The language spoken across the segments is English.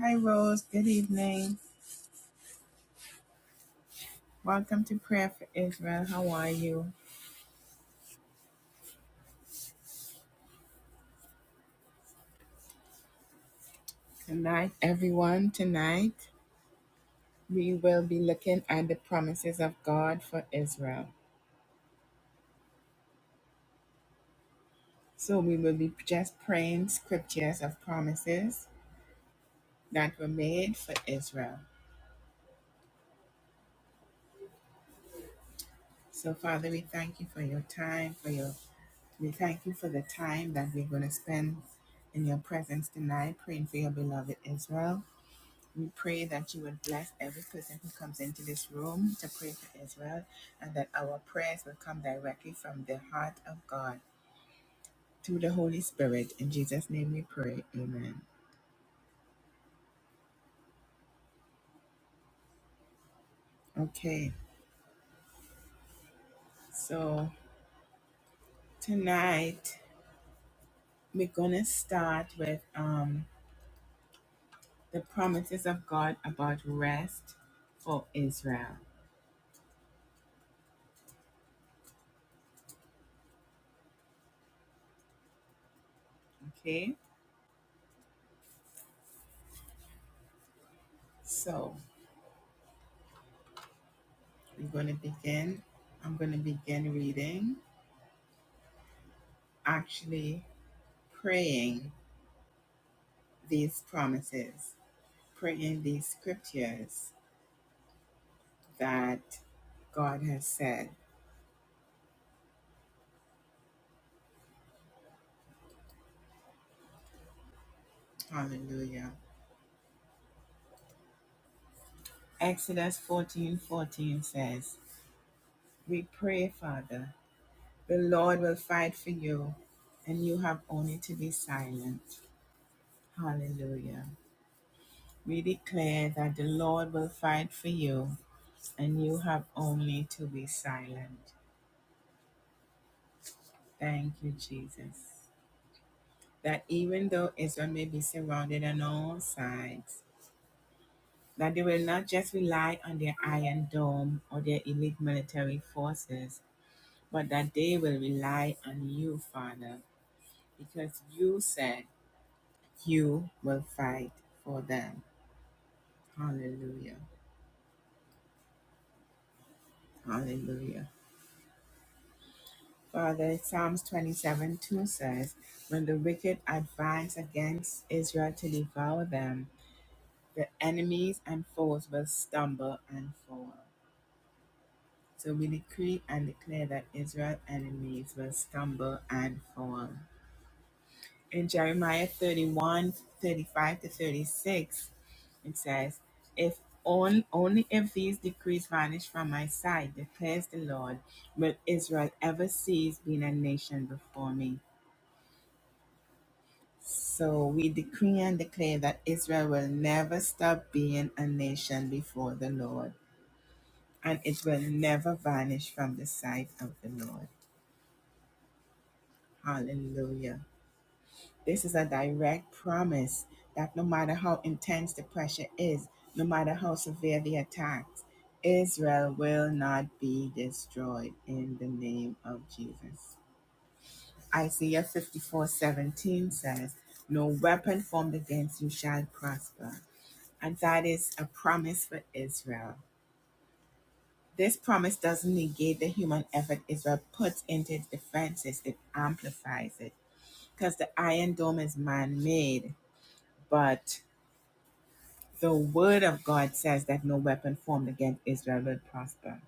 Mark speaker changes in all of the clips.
Speaker 1: Hi, Rose. Good evening. Welcome to Prayer for Israel. How are you? Tonight, everyone, tonight we will be looking at the promises of God for Israel. So, we will be just praying scriptures of promises that were made for Israel. So, Father, we thank you for your time, for your we thank you for the time that we're going to spend in your presence tonight, praying for your beloved Israel. We pray that you would bless every person who comes into this room to pray for Israel and that our prayers will come directly from the heart of God through the Holy Spirit. In Jesus' name we pray. Amen. Okay, so tonight we're going to start with um, the promises of God about rest for Israel. Okay, so we're going to begin. I'm going to begin reading, actually praying these promises. Pray in these scriptures that God has said. Hallelujah. Exodus fourteen fourteen says, We pray, Father, the Lord will fight for you, and you have only to be silent. Hallelujah. We declare that the Lord will fight for you, and you have only to be silent. Thank you, Jesus. That even though Israel may be surrounded on all sides, that they will not just rely on their Iron Dome or their elite military forces, but that they will rely on you, Father, because you said you will fight for them. Hallelujah. Hallelujah. Father, Psalms 27 2 says, When the wicked advance against Israel to devour them, the enemies and foes will stumble and fall. So we decree and declare that Israel's enemies will stumble and fall. In Jeremiah 31 35 to 36, it says, If on, only if these decrees vanish from my sight, declares the Lord, will Israel ever cease being a nation before me. So we decree and declare that Israel will never stop being a nation before the Lord, and it will never vanish from the sight of the Lord. Hallelujah. This is a direct promise that no matter how intense the pressure is, no matter how severe the attacks, Israel will not be destroyed in the name of Jesus. Isaiah 54 17 says, No weapon formed against you shall prosper. And that is a promise for Israel. This promise doesn't negate the human effort Israel puts into its defenses, it amplifies it. Because the Iron Dome is man made, but The word of God says that no weapon formed against Israel will prosper.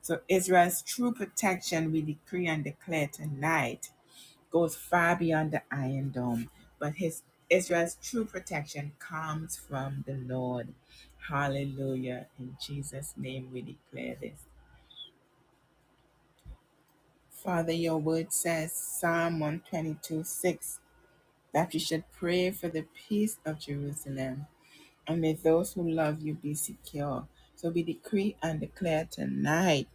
Speaker 1: So Israel's true protection, we decree and declare tonight, goes far beyond the Iron Dome. But his Israel's true protection comes from the Lord. Hallelujah. In Jesus' name we declare this. Father, your word says, Psalm 122 6, that you should pray for the peace of Jerusalem. and may those who love you be secure. So we decree and declare tonight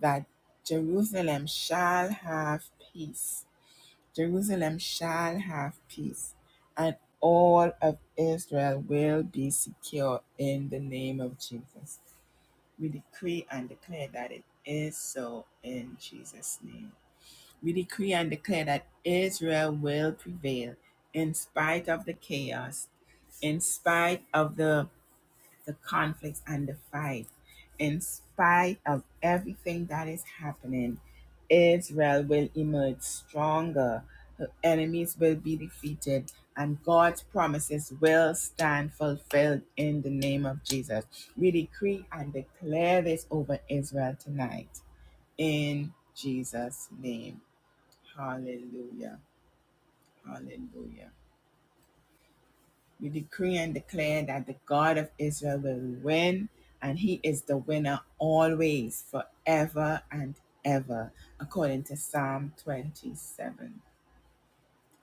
Speaker 1: that Jerusalem shall have peace. Jerusalem shall have peace, and all of Israel will be secure in the name of Jesus. We decree and declare that it is so in Jesus' name. We decree and declare that Israel will prevail in spite of the chaos, in spite of the the conflicts and the fight. In spite of everything that is happening, Israel will emerge stronger. Her enemies will be defeated, and God's promises will stand fulfilled in the name of Jesus. We decree and declare this over Israel tonight. In Jesus' name. Hallelujah. Hallelujah. You decree and declare that the God of Israel will win, and he is the winner always, forever and ever, according to Psalm 27.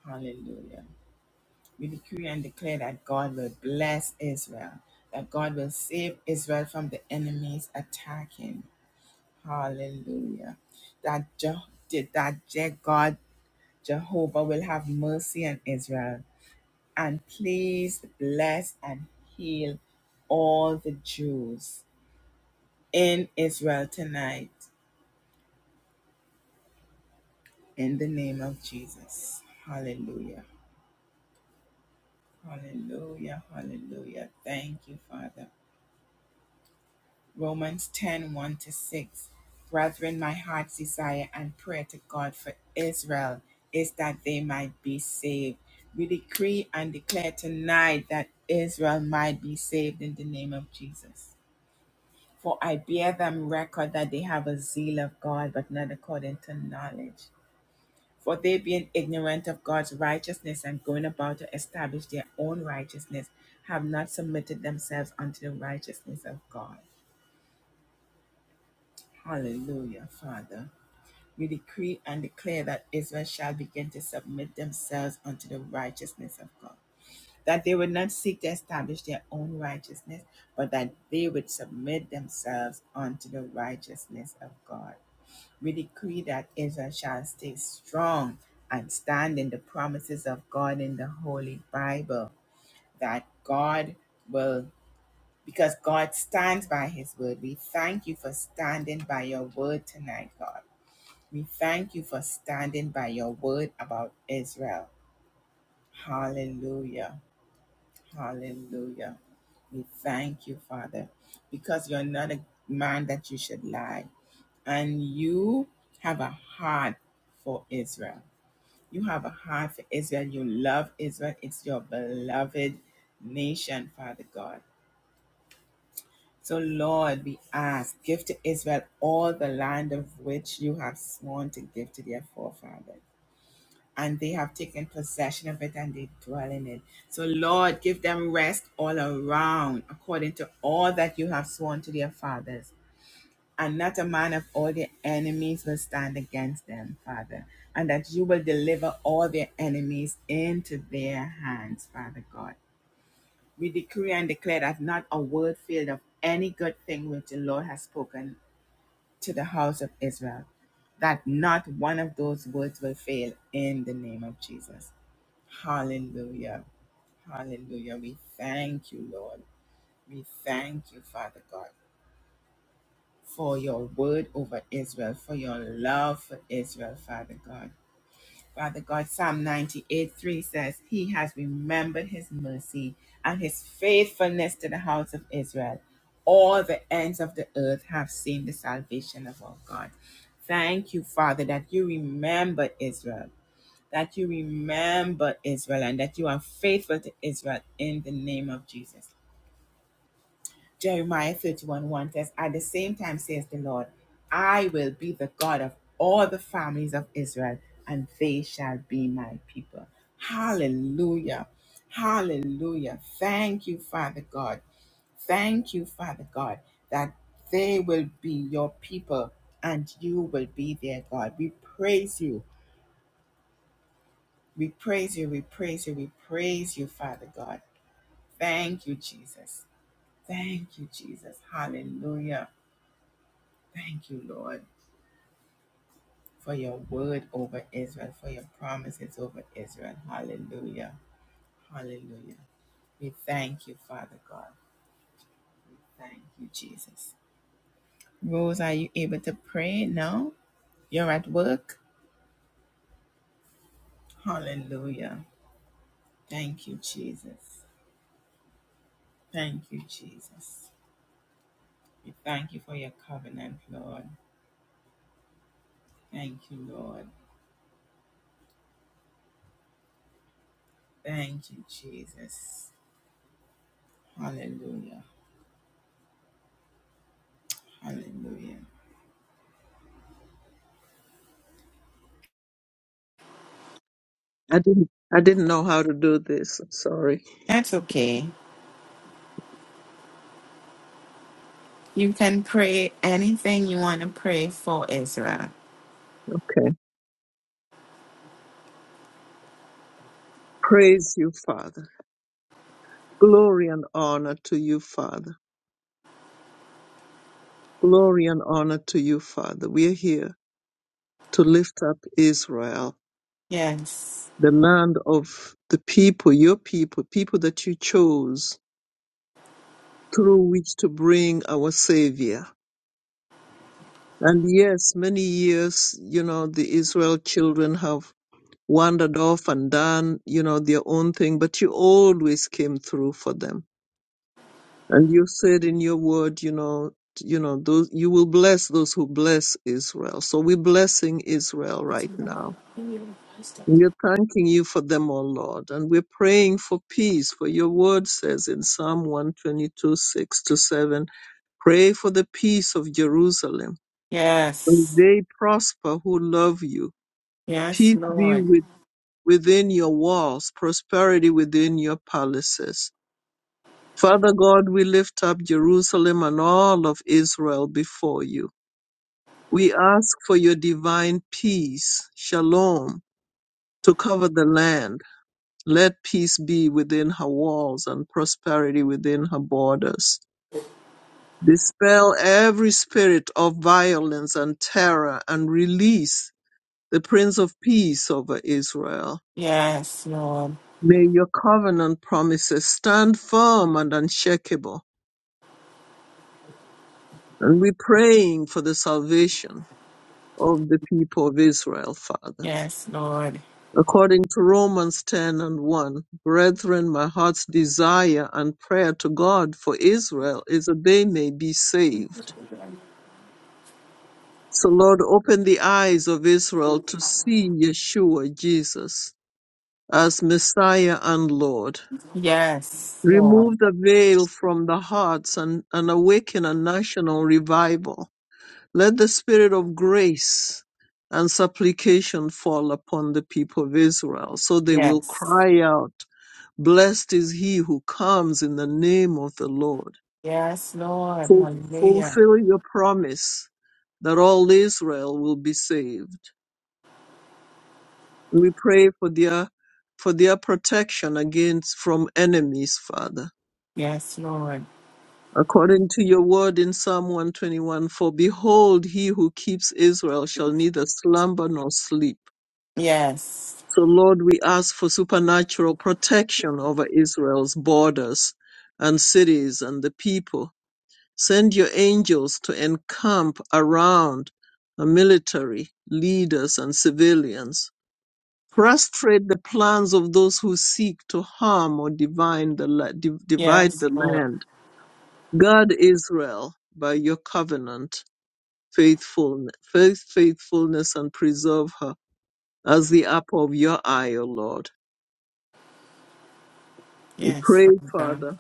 Speaker 1: Hallelujah. We decree and declare that God will bless Israel, that God will save Israel from the enemies attacking. Hallelujah. That, Je- that Je- God, Jehovah, will have mercy on Israel and please bless and heal all the Jews in Israel tonight in the name of Jesus. Hallelujah. Hallelujah. Hallelujah. Thank you, Father. Romans ten one to 6. Brethren, my heart's desire and prayer to God for Israel is that they might be saved. We decree and declare tonight that Israel might be saved in the name of Jesus. For I bear them record that they have a zeal of God, but not according to knowledge. For they, being ignorant of God's righteousness and going about to establish their own righteousness, have not submitted themselves unto the righteousness of God. Hallelujah, Father. We decree and declare that Israel shall begin to submit themselves unto the righteousness of God. That they would not seek to establish their own righteousness, but that they would submit themselves unto the righteousness of God. We decree that Israel shall stay strong and stand in the promises of God in the Holy Bible, that God will, because God stands by his word. We thank you for standing by your word tonight, God. We thank you for standing by your word about Israel. Hallelujah. Hallelujah. We thank you, Father, because you're not a man that you should lie, and you have a heart for Israel. You have a heart for Israel. You love Israel. It's your beloved nation, Father God. So, Lord, we ask, give to Israel all the land of which you have sworn to give to their forefathers. And they have taken possession of it and they dwell in it. So, Lord, give them rest all around according to all that you have sworn to their fathers and not a man of all their enemies will stand against them, Father, and that you will deliver all their enemies into their hands, Father God. We decree and declare that not a word failed of any good thing which the Lord has spoken to the house of Israel, that not one of those words will fail in the name of Jesus. Hallelujah. Hallelujah. We thank you, Lord. We thank you, Father God. for your word over Israel, for your love for Israel, Father God. Father God, Psalm 98 3 says, He has remembered His mercy and His faithfulness to the house of Israel. All the ends of the earth have seen the salvation of our God. Thank you, Father, that you remember Israel, that you remember Israel, and that you are faithful to Israel in the name of Jesus. Jeremiah 31 1 says, At the same time, says the Lord, I will be the God of all the families of Israel, and they shall be my people. Hallelujah. Hallelujah. Thank you, Father God. Thank you, Father God, that they will be your people and you will be their God. We praise you. We praise you. We praise you. We praise you, Father God. Thank you, Jesus. Thank you, Jesus. Hallelujah. Thank you, Lord, for your word over Israel, for your promises over Israel. Hallelujah. Hallelujah. We thank you, Father God. Thank you, Jesus. Rose, are you able to pray now? You're at work? Hallelujah. Thank you, Jesus. Thank you, Jesus. We thank you for your covenant, Lord. Thank you, Lord. Thank you, Jesus. Hallelujah. Hallelujah.
Speaker 2: I didn't I didn't know how to do this. I'm sorry.
Speaker 1: That's okay. You can pray anything you want to pray for Israel.
Speaker 2: Okay. Praise you, Father. Glory and honor to you, Father. Glory and honor to you, Father. We are here to lift up Israel,
Speaker 1: Yes.
Speaker 2: the land of the people, your people, people that you chose through which to bring our Savior. And yes, many years, you know, the Israel children have wandered off and done, you know, their own thing, but you always came through for them And you said in your word, you know, t- you know, those you will bless those who bless Israel. So we're blessing Israel right now. We're thanking you for them, O Lord, and we're praying for peace. For your word says in Psalm 122, 6 to 7, pray for the peace of Jerusalem. May
Speaker 1: Yes.
Speaker 2: they prosper who love you.
Speaker 1: Yes,
Speaker 2: Peace be
Speaker 1: Lord.
Speaker 2: with, within your walls, prosperity within your palaces. Father God, we lift up Jerusalem and all of Israel before you. We ask for your divine peace, shalom, to cover the land. Let peace be within her walls and prosperity within her borders. Dispel every spirit of violence and terror and release the Prince of Peace over Israel.
Speaker 1: Yes, Lord.
Speaker 2: May your covenant promises stand firm and unshakable. And we're praying for the salvation of the people of Israel, Father.
Speaker 1: Yes, Lord.
Speaker 2: According to Romans 10 and 1, brethren, my heart's desire and prayer to God for Israel is that they may be saved. So, Lord, open the eyes of Israel to see Yeshua, Jesus, as Messiah and Lord.
Speaker 1: Yes, Lord.
Speaker 2: Remove the veil from the hearts and, and awaken a national revival. Let the spirit of grace and supplication fall upon the people of Israel so they will
Speaker 1: Yes.
Speaker 2: cry out, Blessed is he who comes in the name of the Lord.
Speaker 1: Yes, Lord.
Speaker 2: Ful-
Speaker 1: Hallelujah.
Speaker 2: Fulfill your promise that all Israel will be saved. We pray for their for their protection against from enemies, Father.
Speaker 1: Yes, Lord.
Speaker 2: According to your word in Psalm 121, for behold, he who keeps Israel shall neither slumber nor sleep.
Speaker 1: Yes.
Speaker 2: So, Lord, we ask for supernatural protection over Israel's borders and cities and the people. Send your angels to encamp around the military, leaders, and civilians. Frustrate the plans of those who seek to harm or divide the, la- div- divide
Speaker 1: Yes,
Speaker 2: the
Speaker 1: Lord.
Speaker 2: land. Guard Israel by your covenant faithfulness, faith, faithfulness and preserve her as the apple of your eye, O Lord.
Speaker 1: Yes,
Speaker 2: Pray,
Speaker 1: Father.
Speaker 2: Father.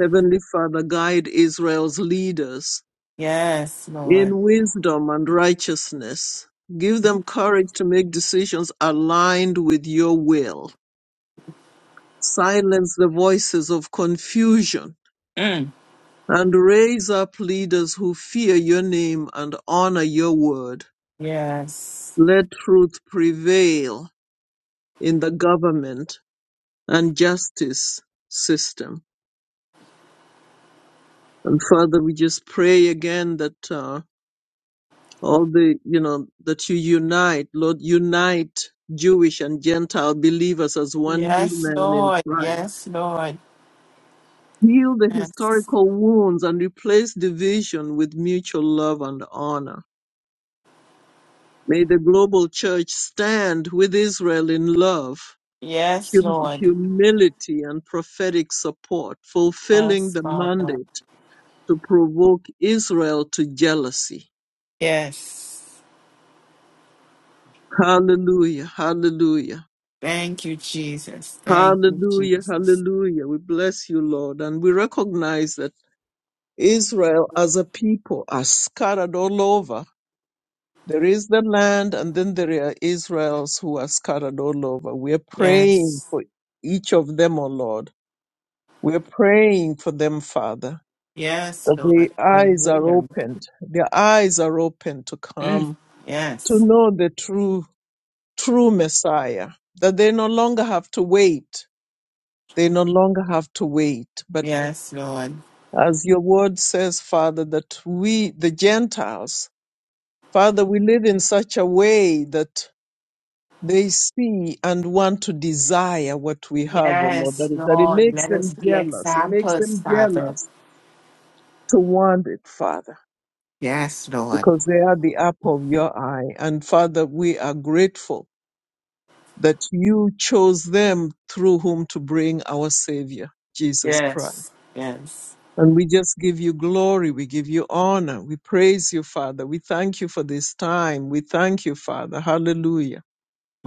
Speaker 2: Heavenly Father, guide Israel's leaders
Speaker 1: Yes, Lord.
Speaker 2: in wisdom and righteousness. Give them courage to make decisions aligned with your will. Silence the voices of confusion
Speaker 1: Mm.
Speaker 2: and raise up leaders who fear your name and honor your word.
Speaker 1: Yes.
Speaker 2: Let truth prevail in the government and justice system. And Father, we just pray again that. Uh, all the you know that you unite lord unite jewish and gentile believers as one new
Speaker 1: Yes,
Speaker 2: man in
Speaker 1: Lord.
Speaker 2: christ
Speaker 1: Yes, Lord.
Speaker 2: heal the
Speaker 1: Yes.
Speaker 2: historical wounds and replace division with mutual love and honor may the global church stand with israel in love
Speaker 1: Yes,
Speaker 2: hum-
Speaker 1: Lord.
Speaker 2: humility and prophetic support fulfilling
Speaker 1: Yes,
Speaker 2: the
Speaker 1: Father.
Speaker 2: mandate to provoke israel to jealousy
Speaker 1: Yes.
Speaker 2: hallelujah hallelujah
Speaker 1: Thank you, Jesus. Thank you,
Speaker 2: Hallelujah,
Speaker 1: Jesus.
Speaker 2: hallelujah. We bless you, Lord. And we recognize that Israel as a people are scattered all over. There is the land, and then there are Israels who are scattered all over. We are praying
Speaker 1: Yes.
Speaker 2: for each of them, O Lord. We are praying for them, Father,
Speaker 1: Yes,
Speaker 2: that their
Speaker 1: Lord.
Speaker 2: eyes are
Speaker 1: Hallelujah.
Speaker 2: opened. Their eyes are opened to
Speaker 1: Mm.
Speaker 2: come to
Speaker 1: Yes.
Speaker 2: know the true, true Messiah, that they no longer have to wait they no longer have to wait, but
Speaker 1: Yes, Lord.
Speaker 2: as your word says, Father, that we, the Gentiles, Father, we live in such a way that they see and want to desire what we have, oh Lord,
Speaker 1: Yes,
Speaker 2: that, that it
Speaker 1: Lord.
Speaker 2: makes
Speaker 1: Let us
Speaker 2: them
Speaker 1: be
Speaker 2: jealous. It makes
Speaker 1: examples,
Speaker 2: them
Speaker 1: Father.
Speaker 2: jealous to want it, Father,
Speaker 1: Yes, Lord.
Speaker 2: because they are the apple of your eye. And Father, we are grateful that you chose them through whom to bring our Savior, Jesus Christ.
Speaker 1: Yes. Yes.
Speaker 2: And we just give you glory. We give you honor. We praise you, Father. We thank you for this time. We thank you, Father. Hallelujah.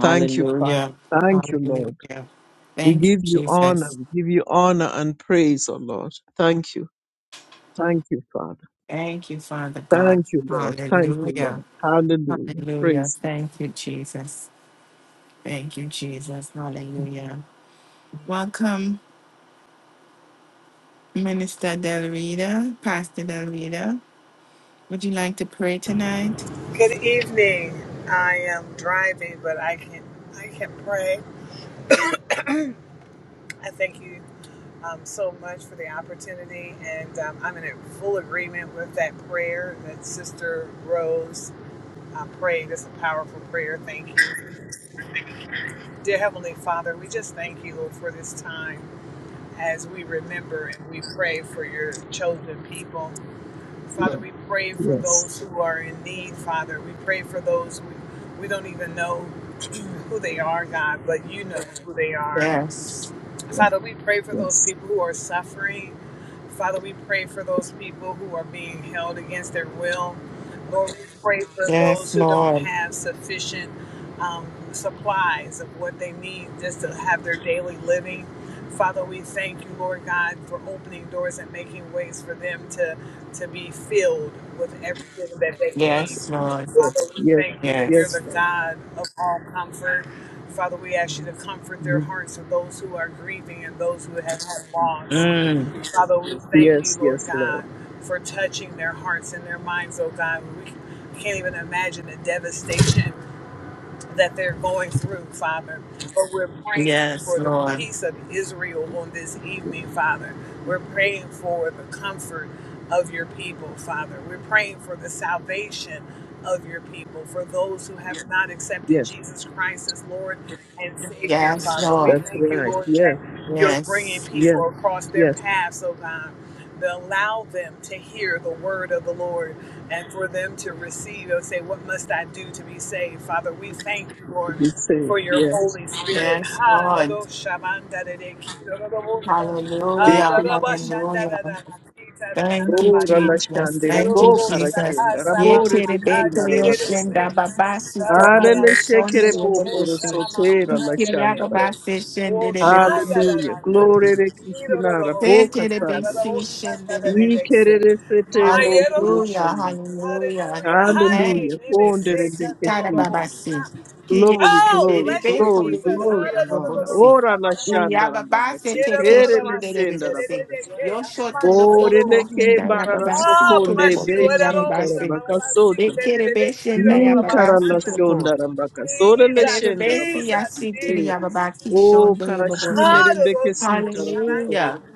Speaker 2: Thank you, Father. Thank you, Lord.
Speaker 1: Hallelujah.
Speaker 2: We
Speaker 1: Thank you,
Speaker 2: give you honor.
Speaker 1: Jesus.
Speaker 2: We give you honor and praise, O Lord. Thank you. Thank you, Father.
Speaker 1: Thank you, Father God.
Speaker 2: Thank you, Lord. Thank you,
Speaker 1: Hallelujah.
Speaker 2: Lord. Hallelujah.
Speaker 1: Hallelujah.
Speaker 2: Praise
Speaker 1: Thank you, Jesus. Thank you, Jesus. Hallelujah. Welcome, Minister Del Rita, Pastor Del Rita. Would you like to pray tonight?
Speaker 3: Good evening. I am driving, but I can I can pray. I thank you um, so much for the opportunity, and um, I'm in full agreement with that prayer that Sister Rose uh, prayed. It's a powerful prayer. Thank you, dear Heavenly Father. We just thank you Lord, for this time as we remember and we pray for your chosen people. Father, we pray for
Speaker 2: you. Yes.
Speaker 3: those who are in need, Father. We pray for those we, we don't even know who they are, God, but you know who they are.
Speaker 1: Yes.
Speaker 3: Father, we pray for those
Speaker 2: Yes.
Speaker 3: people who are suffering. Father, we pray for those people who are being held against their will. Lord, we pray for
Speaker 1: Yes,
Speaker 3: those who don't
Speaker 1: Lord.
Speaker 3: have sufficient um, supplies of what they need just to have their daily living. Father, we thank you, Lord God, for opening doors and making ways for them to, to be filled with everything that they need.
Speaker 1: Yes, Lord.
Speaker 2: Yes.
Speaker 3: Father, we
Speaker 2: Yes.
Speaker 3: thank you that you're
Speaker 2: Yes,
Speaker 3: the
Speaker 1: Yes.
Speaker 2: Lord.
Speaker 3: God of all comfort. Father, we ask you to comfort their
Speaker 2: Mhm.
Speaker 3: hearts of those who are grieving and those who have had loss.
Speaker 1: Mm.
Speaker 3: Father, we thank you,
Speaker 2: Yes.
Speaker 3: Lord
Speaker 2: Yes,
Speaker 3: God,
Speaker 2: Lord.
Speaker 3: for touching their hearts and their minds, oh God. We can't even imagine the devastation that they're going through, Father. But we're praying
Speaker 1: Yes,
Speaker 3: for the
Speaker 1: Lord.
Speaker 3: peace of Israel on this evening, Father. We're praying for the comfort of your people, Father. We're praying for the salvation of your people, for those who have not accepted
Speaker 2: Yes.
Speaker 3: Jesus Christ as Lord and Savior,
Speaker 1: Yes,
Speaker 3: Father. We
Speaker 1: Lord.
Speaker 2: That's
Speaker 3: thank you,
Speaker 2: right.
Speaker 3: Lord,
Speaker 2: Yes.
Speaker 3: that you're bringing
Speaker 1: Yes.
Speaker 2: Yes.
Speaker 3: people across their
Speaker 2: Yes.
Speaker 3: paths, oh God to allow them to hear the word of the Lord and for them to receive and say, What must I do to be saved? Father, we thank you,
Speaker 2: to
Speaker 3: Lord,
Speaker 2: be saved.
Speaker 3: for your
Speaker 2: Yes.
Speaker 3: Holy Spirit.
Speaker 1: Yes,
Speaker 3: Ha,
Speaker 1: Lord.
Speaker 3: lado shamanda de de ki do bo sha. Ha, da
Speaker 1: Hallelujah.
Speaker 2: Eke
Speaker 3: ba shanda
Speaker 1: Hallelujah.
Speaker 3: da da ba ki ta da da
Speaker 1: Thank
Speaker 3: da
Speaker 1: you,
Speaker 3: ba
Speaker 2: ora la
Speaker 3: ha.
Speaker 1: Jesus.
Speaker 2: shandere
Speaker 1: Thank you,
Speaker 2: bo
Speaker 3: Hallelujah.
Speaker 1: Jesus.
Speaker 2: karashenda rabore le
Speaker 1: Yeterebeko
Speaker 2: china
Speaker 1: yoshenda
Speaker 2: rabakasete.
Speaker 1: babasi
Speaker 2: Are le
Speaker 1: sokoyo
Speaker 2: shekere
Speaker 1: shondo
Speaker 2: bo
Speaker 1: yebobosi.
Speaker 2: porosotera la shandara.
Speaker 1: Kiriababase shendere bebeso
Speaker 2: Hallelujah.
Speaker 1: toboki.
Speaker 2: Glory le kishina rabo
Speaker 1: Setere
Speaker 2: kasande.
Speaker 1: besi shendere bebeso.
Speaker 2: Ikere le setembo
Speaker 1: Hallelujah,
Speaker 2: kuroshona.
Speaker 1: hallelujah. Thank
Speaker 2: Hallelujah.
Speaker 1: you,
Speaker 2: Fondere
Speaker 1: Jesus.
Speaker 2: le
Speaker 1: Sitara
Speaker 2: kishina.
Speaker 1: babase. Kiye
Speaker 2: Glory,
Speaker 3: Oh,
Speaker 1: shendere
Speaker 2: glory,
Speaker 3: bless you,
Speaker 1: beko
Speaker 2: glory,
Speaker 3: Jesus.
Speaker 2: glory and honor.
Speaker 1: yobosi.
Speaker 2: Ora la shandara
Speaker 1: Kiriababase
Speaker 2: bakasete.
Speaker 1: teke
Speaker 2: Ere le
Speaker 1: shendere
Speaker 2: shandara
Speaker 1: bebese.
Speaker 2: bakasete.
Speaker 1: Yosho toroboko
Speaker 3: Hallelujah.
Speaker 2: Oreleke
Speaker 1: hindaya
Speaker 2: barara
Speaker 1: babasi
Speaker 3: Ah,
Speaker 2: sokonde
Speaker 3: bless
Speaker 1: toroboko
Speaker 3: you.
Speaker 2: bechi
Speaker 3: Ererosha,
Speaker 1: kiriababase.
Speaker 2: tarambaka
Speaker 3: malamasi,
Speaker 2: sota.
Speaker 1: Ekere
Speaker 3: terereretiro,
Speaker 1: beshendaya
Speaker 2: Ni
Speaker 1: babasi
Speaker 2: karala
Speaker 3: rabashanda.
Speaker 1: togo.
Speaker 2: shonda rambaka sorele
Speaker 3: Jesus,
Speaker 2: shenda
Speaker 1: Erebesi
Speaker 2: rambaka
Speaker 3: Jesus,
Speaker 1: asikiri
Speaker 2: site.
Speaker 3: Jesus.
Speaker 1: ababaki
Speaker 2: O
Speaker 1: shondo
Speaker 2: karashine
Speaker 3: Ah,
Speaker 1: yobobose.
Speaker 2: rembeke
Speaker 3: Ererosha,
Speaker 2: sita rabokoro.
Speaker 1: Hallelujah.
Speaker 3: boshananda.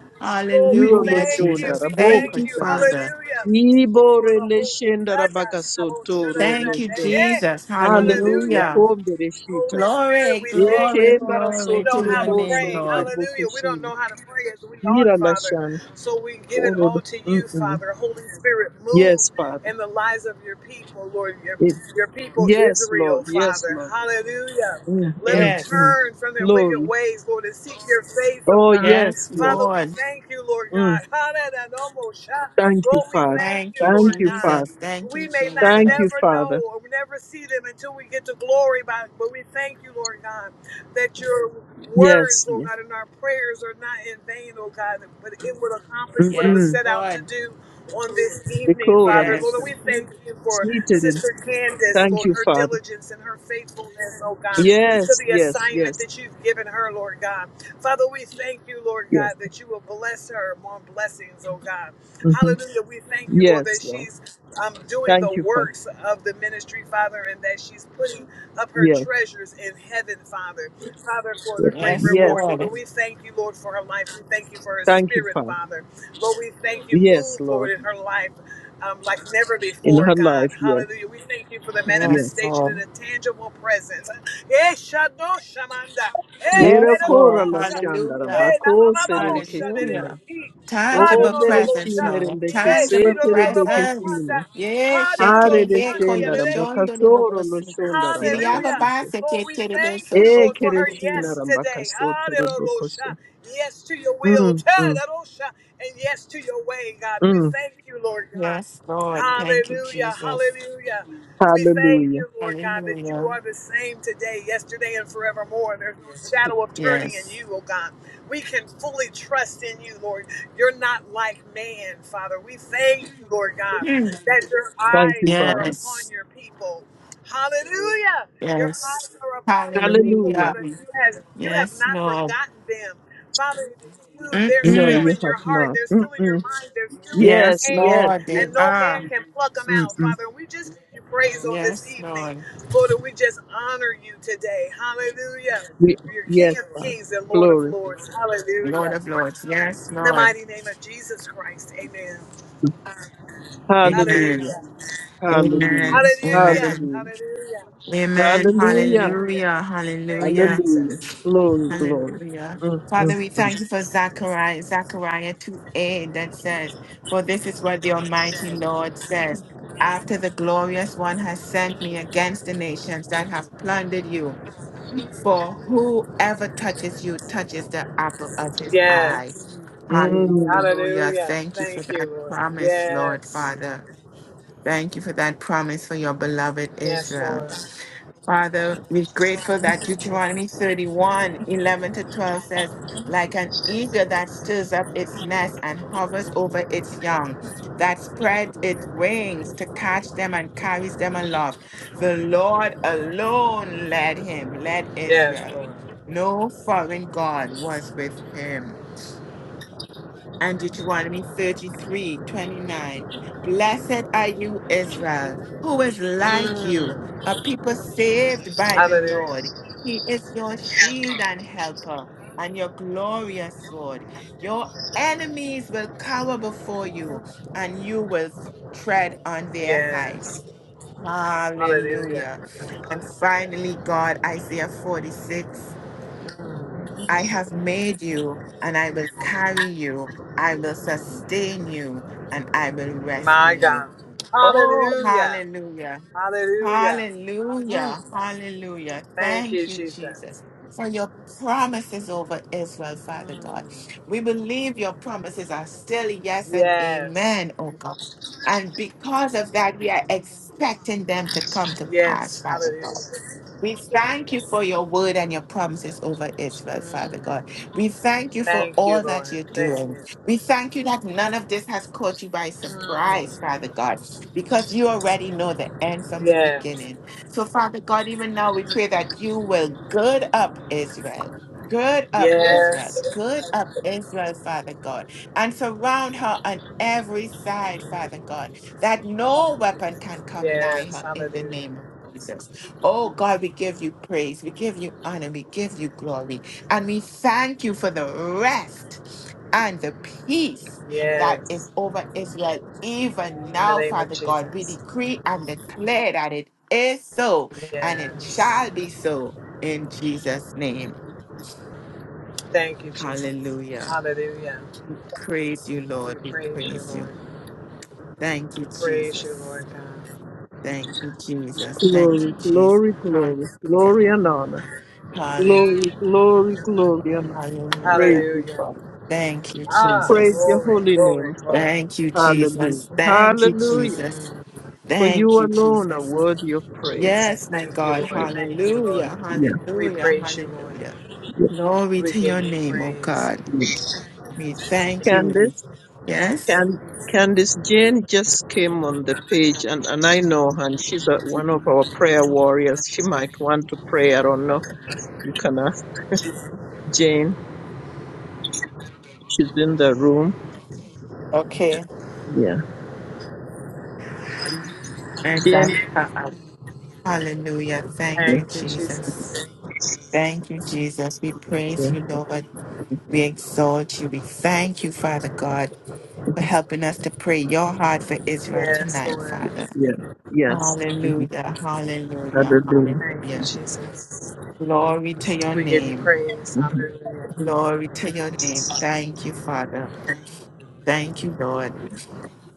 Speaker 3: Lord, we
Speaker 2: Niro no
Speaker 1: Hallelujah,
Speaker 3: thank you.
Speaker 2: shonda
Speaker 1: Jesus.
Speaker 3: We
Speaker 1: Thank
Speaker 2: raboka
Speaker 3: thank
Speaker 1: you,
Speaker 3: you.
Speaker 2: shanara.
Speaker 1: Father.
Speaker 3: Hallelujah.
Speaker 2: Ni
Speaker 3: For the
Speaker 2: borele
Speaker 3: whole
Speaker 2: shenda rambaka sotoro
Speaker 1: Thank
Speaker 2: no
Speaker 1: you,
Speaker 2: shonda.
Speaker 1: Jesus.
Speaker 2: Hallelujah.
Speaker 3: Hallelujah.
Speaker 1: Hallelujah.
Speaker 2: Kombe reshita.
Speaker 3: Holy Spirit,
Speaker 1: Glory,
Speaker 3: we thank
Speaker 1: glory,
Speaker 3: you,
Speaker 2: Eke
Speaker 3: Lord,
Speaker 2: bara
Speaker 3: that you
Speaker 1: glory
Speaker 3: know
Speaker 2: soto
Speaker 1: to
Speaker 3: how
Speaker 1: your
Speaker 3: to
Speaker 2: robo
Speaker 1: name,
Speaker 2: sondo
Speaker 3: pray.
Speaker 1: Lord.
Speaker 2: roboko
Speaker 3: Hallelujah. We don't
Speaker 2: shina.
Speaker 3: know how to pray as we ought,
Speaker 2: Nira la
Speaker 3: Father.
Speaker 2: shana.
Speaker 3: So we give it
Speaker 2: Oro.
Speaker 3: all to you,
Speaker 2: Mm-mm.
Speaker 3: Father. Holy Spirit, move
Speaker 2: Yes, Father.
Speaker 3: in the lives of your people, Lord, your, your people
Speaker 2: Yes, Lord.
Speaker 3: Israel,
Speaker 2: Yes,
Speaker 3: Father.
Speaker 2: Lord.
Speaker 3: Hallelujah.
Speaker 2: Mm,
Speaker 3: Let
Speaker 2: mm,
Speaker 3: them
Speaker 2: mm.
Speaker 1: Yes.
Speaker 3: turn from their wicked
Speaker 2: Glory.
Speaker 3: ways, Lord, and seek your face, oh
Speaker 2: Oh,
Speaker 3: God.
Speaker 2: yes,
Speaker 1: Yes,
Speaker 2: yes.
Speaker 3: Father, we
Speaker 1: Lord.
Speaker 3: thank you, Lord
Speaker 2: Mm.
Speaker 3: God. Hallelujah.
Speaker 2: Thank you,
Speaker 3: Lord, we
Speaker 2: Father.
Speaker 3: thank
Speaker 1: Thank
Speaker 3: you,
Speaker 1: you,
Speaker 2: Thank
Speaker 3: Lord
Speaker 2: you,
Speaker 3: God
Speaker 2: Father.
Speaker 1: Jesus. Thank you,
Speaker 3: we may not
Speaker 2: Thank you,
Speaker 1: Jesus.
Speaker 3: never know
Speaker 2: Father.
Speaker 3: or never see them until we get to glory by but we thank you lord god that your
Speaker 2: Yes.
Speaker 3: words lord
Speaker 2: yes.
Speaker 3: god and our prayers are not in vain oh god but it would accomplish what it was
Speaker 1: Yes,
Speaker 2: Mm-mm.
Speaker 3: set out to
Speaker 1: Lord.
Speaker 3: do on this
Speaker 2: The
Speaker 3: evening
Speaker 2: Korah
Speaker 3: father lord
Speaker 1: Yes.
Speaker 3: we
Speaker 2: Nation.
Speaker 3: thank you for
Speaker 2: Seated him.
Speaker 3: sister candace
Speaker 2: Thank
Speaker 3: lord
Speaker 2: you,
Speaker 3: her
Speaker 2: Father.
Speaker 3: diligence and her faithfulness oh god to
Speaker 2: Yes,
Speaker 3: the
Speaker 2: yes,
Speaker 3: assignment
Speaker 2: yes,
Speaker 3: that you've given her lord god father we thank you lord god
Speaker 2: yes.
Speaker 3: that you will bless her more blessings oh god
Speaker 2: hmm
Speaker 3: Hallelujah. We thank you, Lord,
Speaker 2: Yes,
Speaker 3: that
Speaker 2: Lord.
Speaker 3: she's um, doing
Speaker 2: Thank
Speaker 3: the
Speaker 2: you, Father.
Speaker 3: works of the ministry, Father, and that she's putting up her
Speaker 2: Yes,
Speaker 3: treasures in heaven, Father. Father, for the
Speaker 2: yes,
Speaker 3: great
Speaker 1: Yes,
Speaker 3: reward.
Speaker 2: yes,
Speaker 3: Lord, and
Speaker 1: Lord.
Speaker 2: Father.
Speaker 3: we thank you, Lord, for her life. We thank you for her
Speaker 2: Thank you,
Speaker 3: spirit,
Speaker 2: Father.
Speaker 3: Father. Lord, we thank you.
Speaker 2: Yes,
Speaker 3: Move, Lord,
Speaker 2: Lord.
Speaker 3: in her life. Um, like never
Speaker 2: In
Speaker 3: before,
Speaker 2: her
Speaker 3: God.
Speaker 2: life, yes,
Speaker 3: Hallelujah. We thank you for the
Speaker 1: Yes,
Speaker 2: yes.
Speaker 3: manifestation and
Speaker 1: Lord.
Speaker 3: the tangible presence. Eh, shado shamanda. Eh,
Speaker 2: Yera Yere
Speaker 1: Yes,
Speaker 3: yedo lo
Speaker 2: Korah
Speaker 1: Lord.
Speaker 2: Nation,
Speaker 1: Hallelujah.
Speaker 3: Eh, na ma
Speaker 2: Darabakos, Erikesina,
Speaker 1: Hallelujah.
Speaker 2: O
Speaker 1: Tangible presence,
Speaker 3: Hallelujah.
Speaker 2: bereshina
Speaker 1: Lord.
Speaker 3: Yes,
Speaker 1: Tangible
Speaker 2: rembekesete
Speaker 1: presence.
Speaker 2: rebekesina.
Speaker 1: Yes,
Speaker 2: Hare
Speaker 1: Shetebe
Speaker 2: reshenda
Speaker 3: Hallelujah.
Speaker 1: Koyeshon
Speaker 2: rambakasoro
Speaker 1: Dodobobosi.
Speaker 2: loshonda
Speaker 3: Hallelujah.
Speaker 1: Siriababa
Speaker 2: rambakasite.
Speaker 3: Lord, we
Speaker 1: Seketerebe
Speaker 3: thank you,
Speaker 1: Soshin
Speaker 3: Lord,
Speaker 2: Eke
Speaker 3: for her
Speaker 1: Dodobobosi.
Speaker 2: reshina
Speaker 3: yes today.
Speaker 2: rambakasoto
Speaker 3: Hallelujah.
Speaker 2: robokoso.
Speaker 3: Yes to your will.
Speaker 2: Mm, mm,
Speaker 3: Hallelujah. And yes to your way, God. We
Speaker 2: mm.
Speaker 3: thank you, Lord God.
Speaker 1: Yes, Lord. Thank you,
Speaker 3: Hallelujah.
Speaker 1: Jesus.
Speaker 3: Hallelujah. We thank
Speaker 2: Hallelujah.
Speaker 3: you, Lord God, that you
Speaker 1: Hallelujah.
Speaker 3: are the same today, yesterday, and forevermore. There's no shadow of turning in
Speaker 1: Yes.
Speaker 3: you, oh God. We can fully trust in you, Lord. You're not like man, Father. We thank you, Lord God,
Speaker 1: Hmm.
Speaker 3: that your
Speaker 2: Thank you,
Speaker 3: eyes are
Speaker 2: Father.
Speaker 3: upon
Speaker 1: Yes.
Speaker 3: your people. Hallelujah. Your eyes
Speaker 1: Yes.
Speaker 3: are upon your people,
Speaker 2: Hallelujah.
Speaker 1: Hallelujah.
Speaker 3: Father. You has you have
Speaker 1: Yes,
Speaker 3: not
Speaker 1: Lord.
Speaker 3: forgotten them. Father, you, they're
Speaker 2: No,
Speaker 3: still
Speaker 1: Mm-mm.
Speaker 2: you
Speaker 3: in
Speaker 2: have
Speaker 3: your heart,
Speaker 2: not.
Speaker 3: they're still in your
Speaker 2: Mm-mm.
Speaker 3: mind, they're still in your
Speaker 1: Yes,
Speaker 2: Yes,
Speaker 3: hand,
Speaker 2: yes,
Speaker 1: Lord. They
Speaker 2: yes.
Speaker 3: and no
Speaker 1: are.
Speaker 3: man can pluck them out,
Speaker 2: Mm-mm.
Speaker 3: Father. We just give you praise on this
Speaker 1: Yes,
Speaker 3: evening.
Speaker 1: Lord.
Speaker 3: Lord, and we just honor you today. Hallelujah.
Speaker 2: We,
Speaker 3: You're
Speaker 2: yes,
Speaker 3: King of
Speaker 2: Father.
Speaker 3: Kings and Lord of
Speaker 2: Glory.
Speaker 3: Lords.
Speaker 1: Lord
Speaker 3: Hallelujah.
Speaker 1: of Lords. Yes,
Speaker 3: In the
Speaker 1: Lord.
Speaker 3: mighty name of Jesus Christ. Amen.
Speaker 1: Amen.
Speaker 2: Hallelujah.
Speaker 3: Hallelujah.
Speaker 1: Amen.
Speaker 2: Hallelujah.
Speaker 3: Hallelujah.
Speaker 1: Amen.
Speaker 2: Hallelujah.
Speaker 3: Hallelujah.
Speaker 1: Amen.
Speaker 2: Hallelujah.
Speaker 3: Hallelujah.
Speaker 1: Hallelujah.
Speaker 3: Thank you,
Speaker 1: Hallelujah.
Speaker 2: Hallelujah.
Speaker 3: Jesus.
Speaker 2: Glory, glory.
Speaker 1: Hallelujah.
Speaker 2: Mm,
Speaker 1: Father,
Speaker 2: mm,
Speaker 1: we
Speaker 2: mm,
Speaker 1: thank you for Zechariah, Zechariah 2 a that says, For this is what the Almighty Lord says. After the glorious one has sent me against the nations that have plundered you, for whoever touches you touches the apple of his eye.
Speaker 3: Yes.
Speaker 2: mm.
Speaker 1: Hallelujah.
Speaker 3: Hallelujah.
Speaker 1: Thank you for
Speaker 3: Thank you,
Speaker 1: that
Speaker 3: Lord.
Speaker 1: promise, Lord
Speaker 3: Yes.
Speaker 1: Father. Thank you for that promise for your beloved
Speaker 3: Yes,
Speaker 1: Israel.
Speaker 3: Lord.
Speaker 1: Father, we're grateful that Deuteronomy 31:11 to 12 says, Like an eagle that stirs up its nest and hovers over its young, that spreads its wings to catch them and carries them aloft. The Lord alone led him, led
Speaker 3: Yes,
Speaker 1: Israel.
Speaker 3: Lord.
Speaker 1: No foreign God was with him and Deuteronomy 33 29, Blessed are you, Israel, who is like you,
Speaker 3: Mm.
Speaker 1: a people saved by the
Speaker 3: Hallelujah.
Speaker 1: Lord. He is your shield and helper, and your glorious sword. Your enemies will cower before you, and you will tread on their
Speaker 3: Yes.
Speaker 1: heights.
Speaker 3: Hallelujah.
Speaker 1: Hallelujah. And finally, God, Isaiah 46. I have made you, and I will carry you. I will sustain you, and I will rescue
Speaker 3: My
Speaker 1: you.
Speaker 3: God.
Speaker 1: Oh,
Speaker 3: Hallelujah.
Speaker 1: hallelujah.
Speaker 3: Hallelujah.
Speaker 1: Hallelujah.
Speaker 3: Mm.
Speaker 1: Hallelujah.
Speaker 3: Thank you,
Speaker 1: Thank you,
Speaker 3: Jesus.
Speaker 1: Jesus, for your promises over Israel, Father God.
Speaker 3: Mm.
Speaker 1: We believe your promises are still yes and
Speaker 3: Yes.
Speaker 1: amen, oh God. And because of that, we are expecting them to come to pass,
Speaker 3: Yes.
Speaker 1: Father God.
Speaker 3: Hallelujah.
Speaker 1: We thank you for your word and your promises over Israel, Father
Speaker 3: Mm.
Speaker 1: God. We thank you for
Speaker 3: Thank you,
Speaker 1: all that
Speaker 3: Lord.
Speaker 1: you're
Speaker 3: Thank
Speaker 1: doing.
Speaker 3: you.
Speaker 1: We thank you that none of this has caught you by surprise,
Speaker 3: Mm.
Speaker 1: Father God, because you already know the end from the
Speaker 3: Yes.
Speaker 1: beginning. So, Father God, even now we pray that you will gird up Israel. Gird up Israel,
Speaker 3: Yes.
Speaker 1: gird up Israel, Father God, and surround her on every side, Father God, that no weapon can come nigh
Speaker 3: Yes.
Speaker 1: her in the
Speaker 3: Hallelujah.
Speaker 1: name of Jesus. Oh God, we give you praise, we give you honor, we give you glory, and we thank you for the rest and the peace that is
Speaker 3: Yes.
Speaker 1: over Israel even
Speaker 3: In the
Speaker 1: now,
Speaker 3: name of
Speaker 1: Father God. We
Speaker 3: Jesus.
Speaker 1: decree and declare that it is so and it shall
Speaker 3: Yes.
Speaker 1: be so in Jesus' name.
Speaker 3: Thank you, Jesus.
Speaker 1: Hallelujah.
Speaker 3: Hallelujah.
Speaker 1: Praise you,
Speaker 3: We
Speaker 1: Lord. We
Speaker 3: praise you,
Speaker 1: praise you.
Speaker 3: Lord.
Speaker 1: Thank you,
Speaker 3: Praise you,
Speaker 1: Jesus.
Speaker 3: Lord God.
Speaker 1: Thank you, Jesus. Thank
Speaker 2: Glory,
Speaker 1: you, Jesus.
Speaker 2: glory, glory.
Speaker 1: Hallelujah.
Speaker 2: Glory and honor.
Speaker 1: Hallelujah.
Speaker 2: Glory, glory, glory and honor. Praise
Speaker 1: Hallelujah.
Speaker 2: you,
Speaker 3: Hallelujah.
Speaker 2: Father.
Speaker 1: Thank you,
Speaker 3: Ah,
Speaker 2: Praise
Speaker 1: Jesus.
Speaker 2: your
Speaker 3: glory,
Speaker 2: holy
Speaker 3: glory,
Speaker 2: name, Father.
Speaker 3: glory.
Speaker 1: Thank you,
Speaker 2: Hallelujah.
Speaker 1: Jesus. Thank you,
Speaker 2: Hallelujah.
Speaker 1: Jesus.
Speaker 3: Mm,
Speaker 2: For
Speaker 1: Thank
Speaker 2: you
Speaker 1: you,
Speaker 2: alone are
Speaker 1: Jesus.
Speaker 2: worthy of praise.
Speaker 1: Yes,
Speaker 3: Jesus,
Speaker 1: my
Speaker 3: thank you,
Speaker 1: God.
Speaker 3: Lord.
Speaker 2: Yeah,
Speaker 3: Thank you,
Speaker 1: Hallelujah.
Speaker 3: Lord.
Speaker 2: yeah,
Speaker 3: We
Speaker 1: Hallelujah.
Speaker 3: praise you, Lord.
Speaker 1: Hallelujah.
Speaker 2: yeah.
Speaker 1: Glory
Speaker 3: We
Speaker 1: to
Speaker 3: give
Speaker 1: your
Speaker 3: you
Speaker 1: name, oh
Speaker 3: praise.
Speaker 1: God.
Speaker 2: yeah.
Speaker 1: We thank you. We-
Speaker 2: Candace,
Speaker 1: Yes.
Speaker 2: can, Candace Jane just came on the page and, and I know her and she's a, one of our prayer warriors. She might want to pray. I don't know. You can ask Jane, she's in the room.
Speaker 1: Okay.
Speaker 2: Yeah. Jane,
Speaker 1: Exactly. Hallelujah. Thank
Speaker 2: yeah,
Speaker 1: you,
Speaker 3: Thank you,
Speaker 1: Jesus.
Speaker 3: Jesus.
Speaker 1: Thank you, Jesus. We
Speaker 2: yeah,
Speaker 1: praise you, Lord. We exalt you. We thank you, Father God, for
Speaker 2: mhm,
Speaker 1: helping us to pray your heart for Israel
Speaker 3: Yes,
Speaker 1: tonight,
Speaker 3: Lord.
Speaker 1: Father.
Speaker 2: yeah, yes. Mm-hmm.
Speaker 1: Hallelujah. Hallelujah.
Speaker 2: Hallelujah.
Speaker 3: Thank you,
Speaker 1: Hallelujah.
Speaker 3: Jesus.
Speaker 1: Glory to your
Speaker 3: We give you
Speaker 1: name.
Speaker 3: praise.
Speaker 2: hmm
Speaker 3: Hallelujah.
Speaker 1: Glory to your name. Thank you, Father. Thank you, Lord.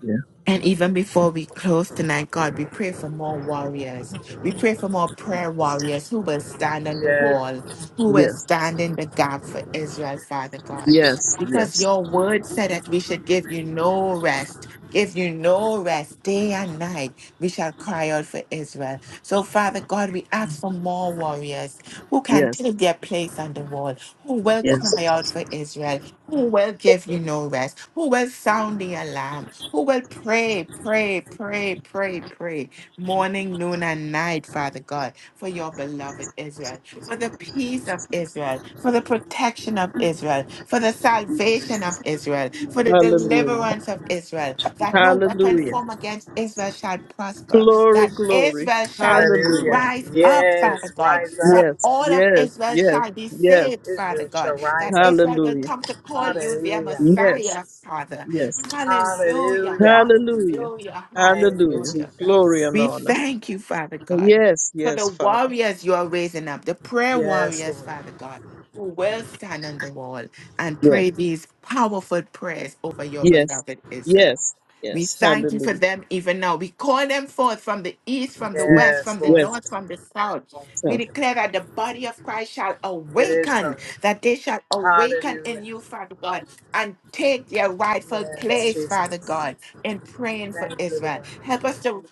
Speaker 2: Yeah.
Speaker 1: And even before we close tonight, God, we pray for more warriors. We pray for more prayer warriors who will stand on the
Speaker 3: Yes.
Speaker 1: wall, who will
Speaker 2: Yes,
Speaker 1: stand in the gap for Israel, Father God.
Speaker 2: yes,
Speaker 1: Because
Speaker 2: yes,
Speaker 1: your word said that we should give you no rest, give you no rest day and night. We shall cry out for Israel. So, Father God, we ask for more warriors who can
Speaker 2: yes,
Speaker 1: take their place on the wall, who will
Speaker 2: yes.
Speaker 1: cry out for Israel, who will give you no rest, who will sound the alarm who will pray, pray, pray, pray, pray, morning, noon, and night, Father God, for your beloved Israel, for the peace of Israel, for the protection of Israel, for the salvation of Israel, for the
Speaker 2: Hallelujah.
Speaker 1: deliverance of Israel, that no weapon
Speaker 2: Hallelujah.
Speaker 1: formed against Israel shall prosper,
Speaker 2: Glory,
Speaker 1: that
Speaker 2: glory.
Speaker 1: Israel shall
Speaker 2: Hallelujah.
Speaker 3: Hallelujah.
Speaker 1: rise up, Father
Speaker 3: Yes,
Speaker 1: God,
Speaker 3: rise up.
Speaker 1: that
Speaker 2: Yes,
Speaker 1: all of
Speaker 2: yes,
Speaker 1: Israel
Speaker 2: yes,
Speaker 1: shall be
Speaker 2: yes.
Speaker 1: saved, Father
Speaker 3: Israel
Speaker 1: God,
Speaker 3: shall
Speaker 1: that
Speaker 3: rise up.
Speaker 1: Israel will
Speaker 2: Hallelujah.
Speaker 1: come to call you their
Speaker 3: Hallelujah.
Speaker 2: Yes,
Speaker 1: Messiah, Father
Speaker 2: yes.
Speaker 1: Hallelujah,
Speaker 3: Hallelujah.
Speaker 2: Hallelujah.
Speaker 1: hallelujah,
Speaker 3: Thank you,
Speaker 2: Hallelujah.
Speaker 1: hallelujah.
Speaker 2: Glory and
Speaker 1: We
Speaker 3: Jesus.
Speaker 2: honor.
Speaker 1: thank you, Father God,
Speaker 2: Yes,
Speaker 1: for the
Speaker 2: yes, Father.
Speaker 1: warriors you are raising up, the prayer
Speaker 3: Yes,
Speaker 1: warriors,
Speaker 3: Lord.
Speaker 1: Father God, who will stand on the wall and
Speaker 2: Yes,
Speaker 1: pray these powerful prayers over your
Speaker 2: yes,
Speaker 1: beloved Israel.
Speaker 2: yes,
Speaker 1: We
Speaker 2: yes.
Speaker 1: thank you for
Speaker 2: Hallelujah.
Speaker 1: them even now. We call them forth from the east, from the
Speaker 2: Mm,
Speaker 1: west,
Speaker 3: Yes,
Speaker 1: from the
Speaker 2: Yes,
Speaker 3: Lord.
Speaker 1: north, from the south. We
Speaker 2: sir.
Speaker 1: declare that the body of Christ shall
Speaker 3: It is so.
Speaker 1: awaken, that they shall awaken in
Speaker 3: Hallelujah.
Speaker 1: you, Father God, and take their rightful
Speaker 3: Yes,
Speaker 1: place, Father
Speaker 3: Jesus.
Speaker 1: God, in praying for
Speaker 3: Thank you,
Speaker 1: Israel.
Speaker 3: Lord.
Speaker 1: Help us to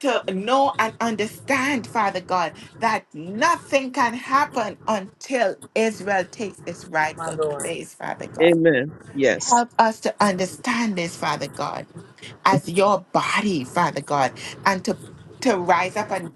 Speaker 1: to know and understand, Father God, that nothing can happen until Israel takes its
Speaker 3: My
Speaker 1: rightful
Speaker 3: Lord.
Speaker 1: place, Father God.
Speaker 2: Amen. Yes,
Speaker 1: Help us to understand this, Father God as your body, Father God, and to, to rise up and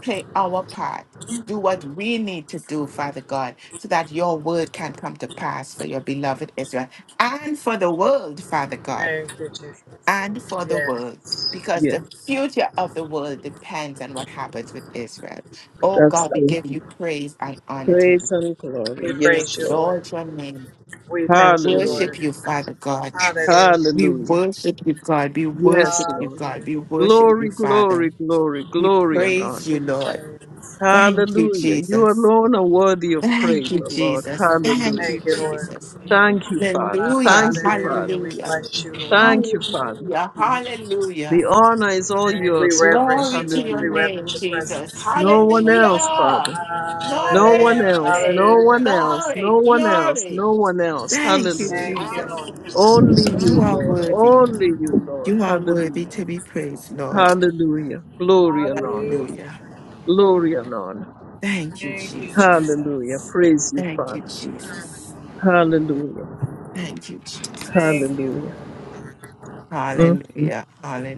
Speaker 1: play our part. Do what we need to do, Father God, so that your word can come to pass for your beloved Israel and for the world, Father God,
Speaker 3: Thank you, Jesus.
Speaker 1: and for the world,
Speaker 3: Yes.
Speaker 1: because
Speaker 2: yes.
Speaker 1: the future of the world depends on what happens with Israel. Oh
Speaker 2: That's
Speaker 1: God, we
Speaker 2: true.
Speaker 1: give you praise and honor to
Speaker 2: Praise
Speaker 1: you.
Speaker 2: and glory.
Speaker 3: We
Speaker 1: We
Speaker 2: Yes,
Speaker 3: praise you,
Speaker 2: Lord.
Speaker 3: Lord.
Speaker 1: exalt your name.
Speaker 3: We
Speaker 1: We
Speaker 3: thank you,
Speaker 2: Hallelujah.
Speaker 1: worship
Speaker 3: Lord.
Speaker 1: you, Father God.
Speaker 3: Hallelujah.
Speaker 1: We
Speaker 2: Hallelujah.
Speaker 1: worship you, God. We
Speaker 2: Yes,
Speaker 1: worship you,
Speaker 2: Lord.
Speaker 1: God. We
Speaker 3: Hallelujah.
Speaker 1: worship you,
Speaker 2: Glory,
Speaker 1: Father.
Speaker 2: glory, glory,
Speaker 1: We
Speaker 2: glory and
Speaker 1: praise
Speaker 3: We
Speaker 2: honor.
Speaker 1: you,
Speaker 3: give you
Speaker 1: Lord.
Speaker 3: praise.
Speaker 1: Thank you,
Speaker 2: Hallelujah. You
Speaker 1: Jesus.
Speaker 2: alone are worthy of
Speaker 1: Thank
Speaker 2: praise,
Speaker 1: you,
Speaker 2: O Lord.
Speaker 1: Jesus. Thank
Speaker 2: Hallelujah.
Speaker 1: you,
Speaker 3: Thank you, Lord.
Speaker 1: Jesus.
Speaker 2: Thank you, Father.
Speaker 1: Hallelujah.
Speaker 2: Thank you,
Speaker 3: Hallelujah.
Speaker 2: Father.
Speaker 3: We
Speaker 1: Hallelujah.
Speaker 3: bless you, Lord.
Speaker 2: Thank you, Father.
Speaker 1: Hallelujah.
Speaker 2: The
Speaker 1: Hallelujah.
Speaker 2: honor is all
Speaker 3: And we
Speaker 2: yours, Father.
Speaker 3: reverence
Speaker 1: Glory
Speaker 3: you,
Speaker 1: to
Speaker 3: Lord. We
Speaker 1: your
Speaker 2: Hallelujah.
Speaker 3: reverence
Speaker 1: name,
Speaker 3: your
Speaker 1: Jesus.
Speaker 3: presence.
Speaker 2: No one else, Father.
Speaker 1: Hallelujah.
Speaker 2: No one
Speaker 3: Hallelujah.
Speaker 2: else, no
Speaker 1: Glory.
Speaker 2: one
Speaker 3: Hallelujah.
Speaker 2: else,
Speaker 1: Glory.
Speaker 2: no one else,
Speaker 1: Glory.
Speaker 2: no one else.
Speaker 1: Thank you,
Speaker 2: Hallelujah.
Speaker 3: Thank you,
Speaker 1: Jesus.
Speaker 3: Lord.
Speaker 2: Only
Speaker 1: You
Speaker 2: you,
Speaker 1: are
Speaker 2: Lord.
Speaker 1: worthy.
Speaker 2: Only you, Lord.
Speaker 1: You are worthy
Speaker 2: Hallelujah.
Speaker 1: to be praised, Lord.
Speaker 2: Hallelujah. Glory and honor.
Speaker 3: Hallelujah.
Speaker 1: Hallelujah.
Speaker 2: Glory and honor.
Speaker 1: Thank you,
Speaker 3: Thank you,
Speaker 1: Jesus.
Speaker 2: Hallelujah.
Speaker 3: Jesus.
Speaker 2: Praise you,
Speaker 1: Thank you,
Speaker 2: Father.
Speaker 1: Jesus.
Speaker 2: Hallelujah.
Speaker 1: Thank you,
Speaker 3: Thank
Speaker 1: Jesus.
Speaker 3: you.
Speaker 2: Hallelujah. mm mm.
Speaker 1: Hallelujah.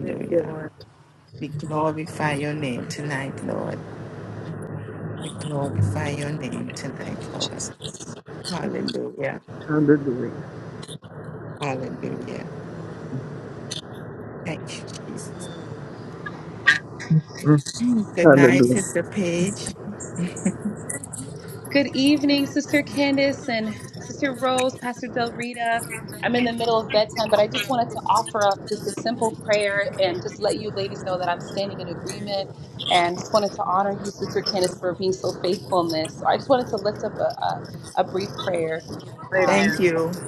Speaker 3: Thank you, Lord.
Speaker 1: We glorify your name tonight, Lord. We glorify your name
Speaker 3: Thank
Speaker 1: tonight,
Speaker 3: you,
Speaker 1: Lord.
Speaker 3: Jesus.
Speaker 1: Hallelujah.
Speaker 2: Hallelujah.
Speaker 1: Hallelujah. Thank you, Jesus.
Speaker 2: mm
Speaker 1: Good night,
Speaker 2: Hallelujah.
Speaker 1: Sister Paige.
Speaker 4: Good evening, Sister Candace and Sister Rose, Pastor Del Rita. I'm in the middle of bedtime, but I just wanted to offer up just a simple prayer and just let you ladies know that I'm standing in agreement and just wanted to honor you, Sister Candace, for being so faithful in this. So I just wanted to lift up a, a, a brief prayer. um,
Speaker 1: Thank
Speaker 3: Amen.
Speaker 1: you.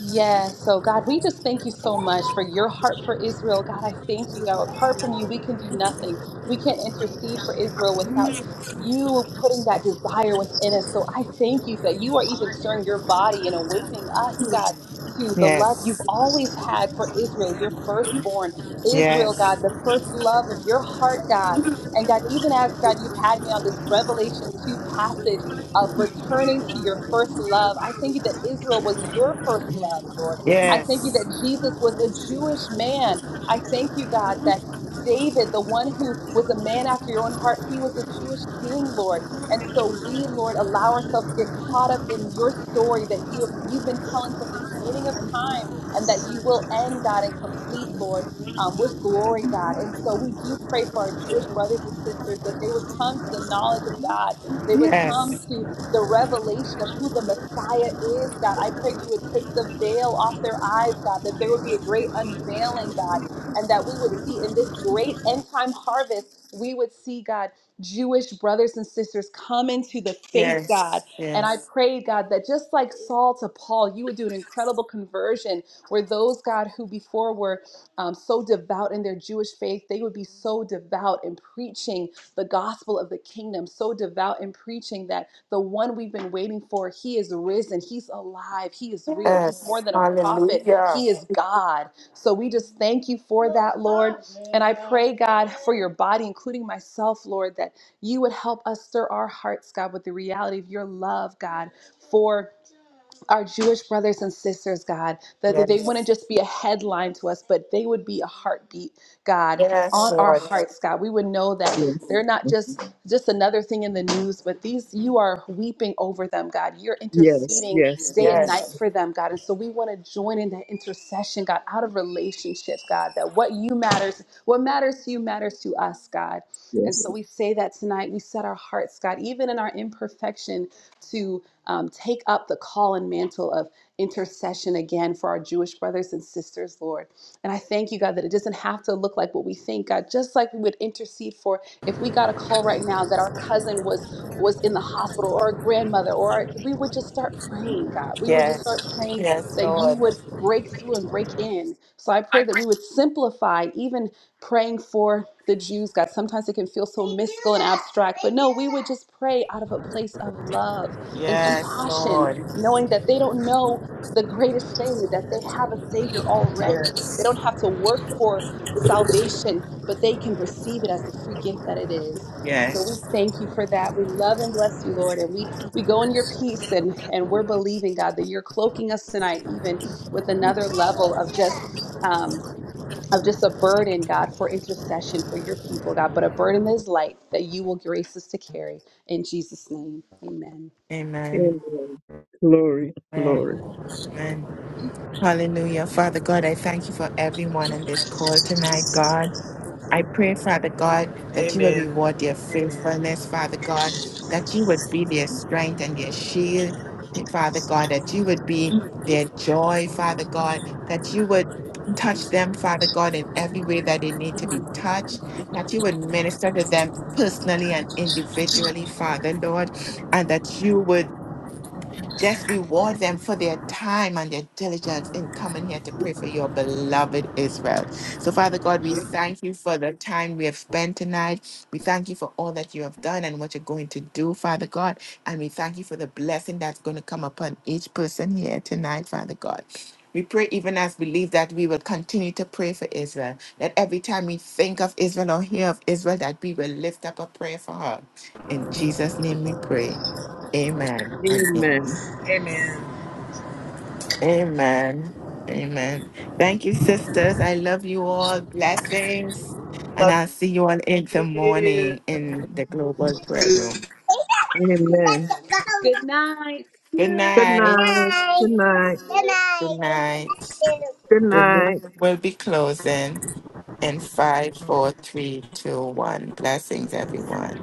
Speaker 4: Yes. So, God, we just thank you so much for your heart for Israel. God, I thank you, God. Apart from you, we can do nothing. We can't intercede for Israel without you putting that desire within us. So, I thank you that you are even stirring your body and awakening us, God, to the love you've
Speaker 1: Yes.
Speaker 4: always had for Israel, your firstborn. Israel, God,
Speaker 1: Yes.
Speaker 4: the first love of your heart, God. And God, even as God, you've had me on this Revelation 2 passage of returning to your first love. I thank you that Israel was your first love, Lord. I thank you
Speaker 1: Yes.
Speaker 4: that Jesus was a Jewish man. I thank you, God, that David, the one who was a man after your own heart, he was a Jewish king, Lord. And so we, Lord, allow ourselves to get caught up in your story that you have, you've been telling from the beginning of time and that you will end, God, and complete, Lord, um, with glory, God. And so we do pray for our Jewish brothers and sisters that they would come to the knowledge of God they would come
Speaker 1: Yes.
Speaker 4: to the revelation of who the Messiah is, God. I pray you would take the veil off their eyes, God, that there would be a great unveiling, God, and that we would see in this great end time harvest, we would see, God, Jewish brothers and sisters come into the faith, God.
Speaker 1: Yes.
Speaker 4: And I
Speaker 1: Yes.
Speaker 4: pray, God, that just like Saul to Paul, you would do an incredible conversion where those, God, who before were um, so devout in their Jewish faith, they would be so devout in preaching the gospel of the kingdom, so devout in preaching that the one we've been waiting for, he is risen, he's alive, he is real, he's more
Speaker 1: Yes.
Speaker 4: than a prophet,
Speaker 1: Hallelujah.
Speaker 4: he is God. So we just thank you for that, Lord. And I pray, God, for your body, including myself, Lord, that you would help us stir our hearts, God, with the reality of your love, God, for our Jewish brothers and sisters, God, that they wouldn't
Speaker 1: Yes.
Speaker 4: just be a headline to us, but they would be a heartbeat, God,
Speaker 1: Yes,
Speaker 4: on our
Speaker 1: Lord.
Speaker 4: hearts, God. We would know that
Speaker 2: Yes,
Speaker 4: they're not
Speaker 2: mm.
Speaker 4: just just another thing in the news, but these you are weeping over them, God. You're
Speaker 2: yes,
Speaker 4: interceding
Speaker 2: yes,
Speaker 4: day
Speaker 2: yes.
Speaker 4: and night
Speaker 1: Yes.
Speaker 4: for them, God. And so we want to join in that intercession, God, out of relationship, God, that what you matters, what matters to you matters to us, God. And
Speaker 2: yes.
Speaker 4: so we say that tonight. We set our hearts, God, even in our imperfection, to um, take up the call and mantle of intercession again for our Jewish brothers and sisters, Lord. And I thank you, God, that it doesn't have to look like what we think, God. Just like we would intercede for if we got a call right now that our cousin was was in the hospital or a grandmother, or our, we would just start praying, God. We would just start
Speaker 1: Yes.
Speaker 4: praying
Speaker 1: Yes,
Speaker 4: that you
Speaker 1: Lord.
Speaker 4: would break through and break in. So I pray that we would simplify even praying for the Jews, God. Sometimes it can feel so mystical and abstract, but no, we would just pray out of a place of love and
Speaker 1: Yes,
Speaker 4: compassion,
Speaker 1: Lord.
Speaker 4: knowing that they don't know the greatest thing, that they have a Savior already. They don't
Speaker 3: Yes.
Speaker 4: have to work for salvation, but they can receive it as the free gift that it is. So we
Speaker 1: Yes.
Speaker 4: thank you for that. We love and bless you, Lord. And we, we go in your peace and, and we're believing, God, that you're cloaking us tonight, even with another level of just um, of just a burden, God, for intercession for your people, God, but a burden that is light that you will grace us to carry. In Jesus' name. Amen.
Speaker 1: Amen.
Speaker 2: Amen. Glory,
Speaker 1: Amen.
Speaker 2: glory.
Speaker 1: Amen. Hallelujah. Father God, I thank you for everyone in this call tonight, God. I pray, Father God, that you would
Speaker 3: Amen.
Speaker 1: reward their
Speaker 3: Amen.
Speaker 1: faithfulness, Father God, that you would be their strength and their shield, Father God, that you would be their joy, Father God, that you would touch them, Father God, in every way that they need to be touched, that you would minister to them personally and individually, Father Lord, and that you would just reward them for their time and their diligence in coming here to pray for your beloved Israel. So, Father God, we thank you for the time we have spent tonight. We thank you for all that you have done and what you're going to do, Father God. And we thank you for the blessing that's going to come upon each person here tonight, Father God. We pray even as believe that we will continue to pray for Israel. That every time we think of Israel or hear of Israel, that we will lift up a prayer for her. In Jesus' name we pray. Amen and
Speaker 2: Amen.
Speaker 3: Amen.
Speaker 1: Amen. Amen. Thank you, sisters. I love you all. Blessings. And
Speaker 3: Love
Speaker 1: I'll see you all in the
Speaker 3: you.
Speaker 1: morning in the global prayer room.
Speaker 2: Amen.
Speaker 4: Good night. Good night. Good
Speaker 1: Good
Speaker 2: Good
Speaker 1: night.
Speaker 2: night.
Speaker 4: night.
Speaker 2: Good night.
Speaker 4: Good
Speaker 1: Good
Speaker 4: night.
Speaker 1: night.
Speaker 4: Good night.
Speaker 2: Good
Speaker 1: The
Speaker 2: night.
Speaker 1: room will be closing in five, four, three, two, one. Blessings, everyone.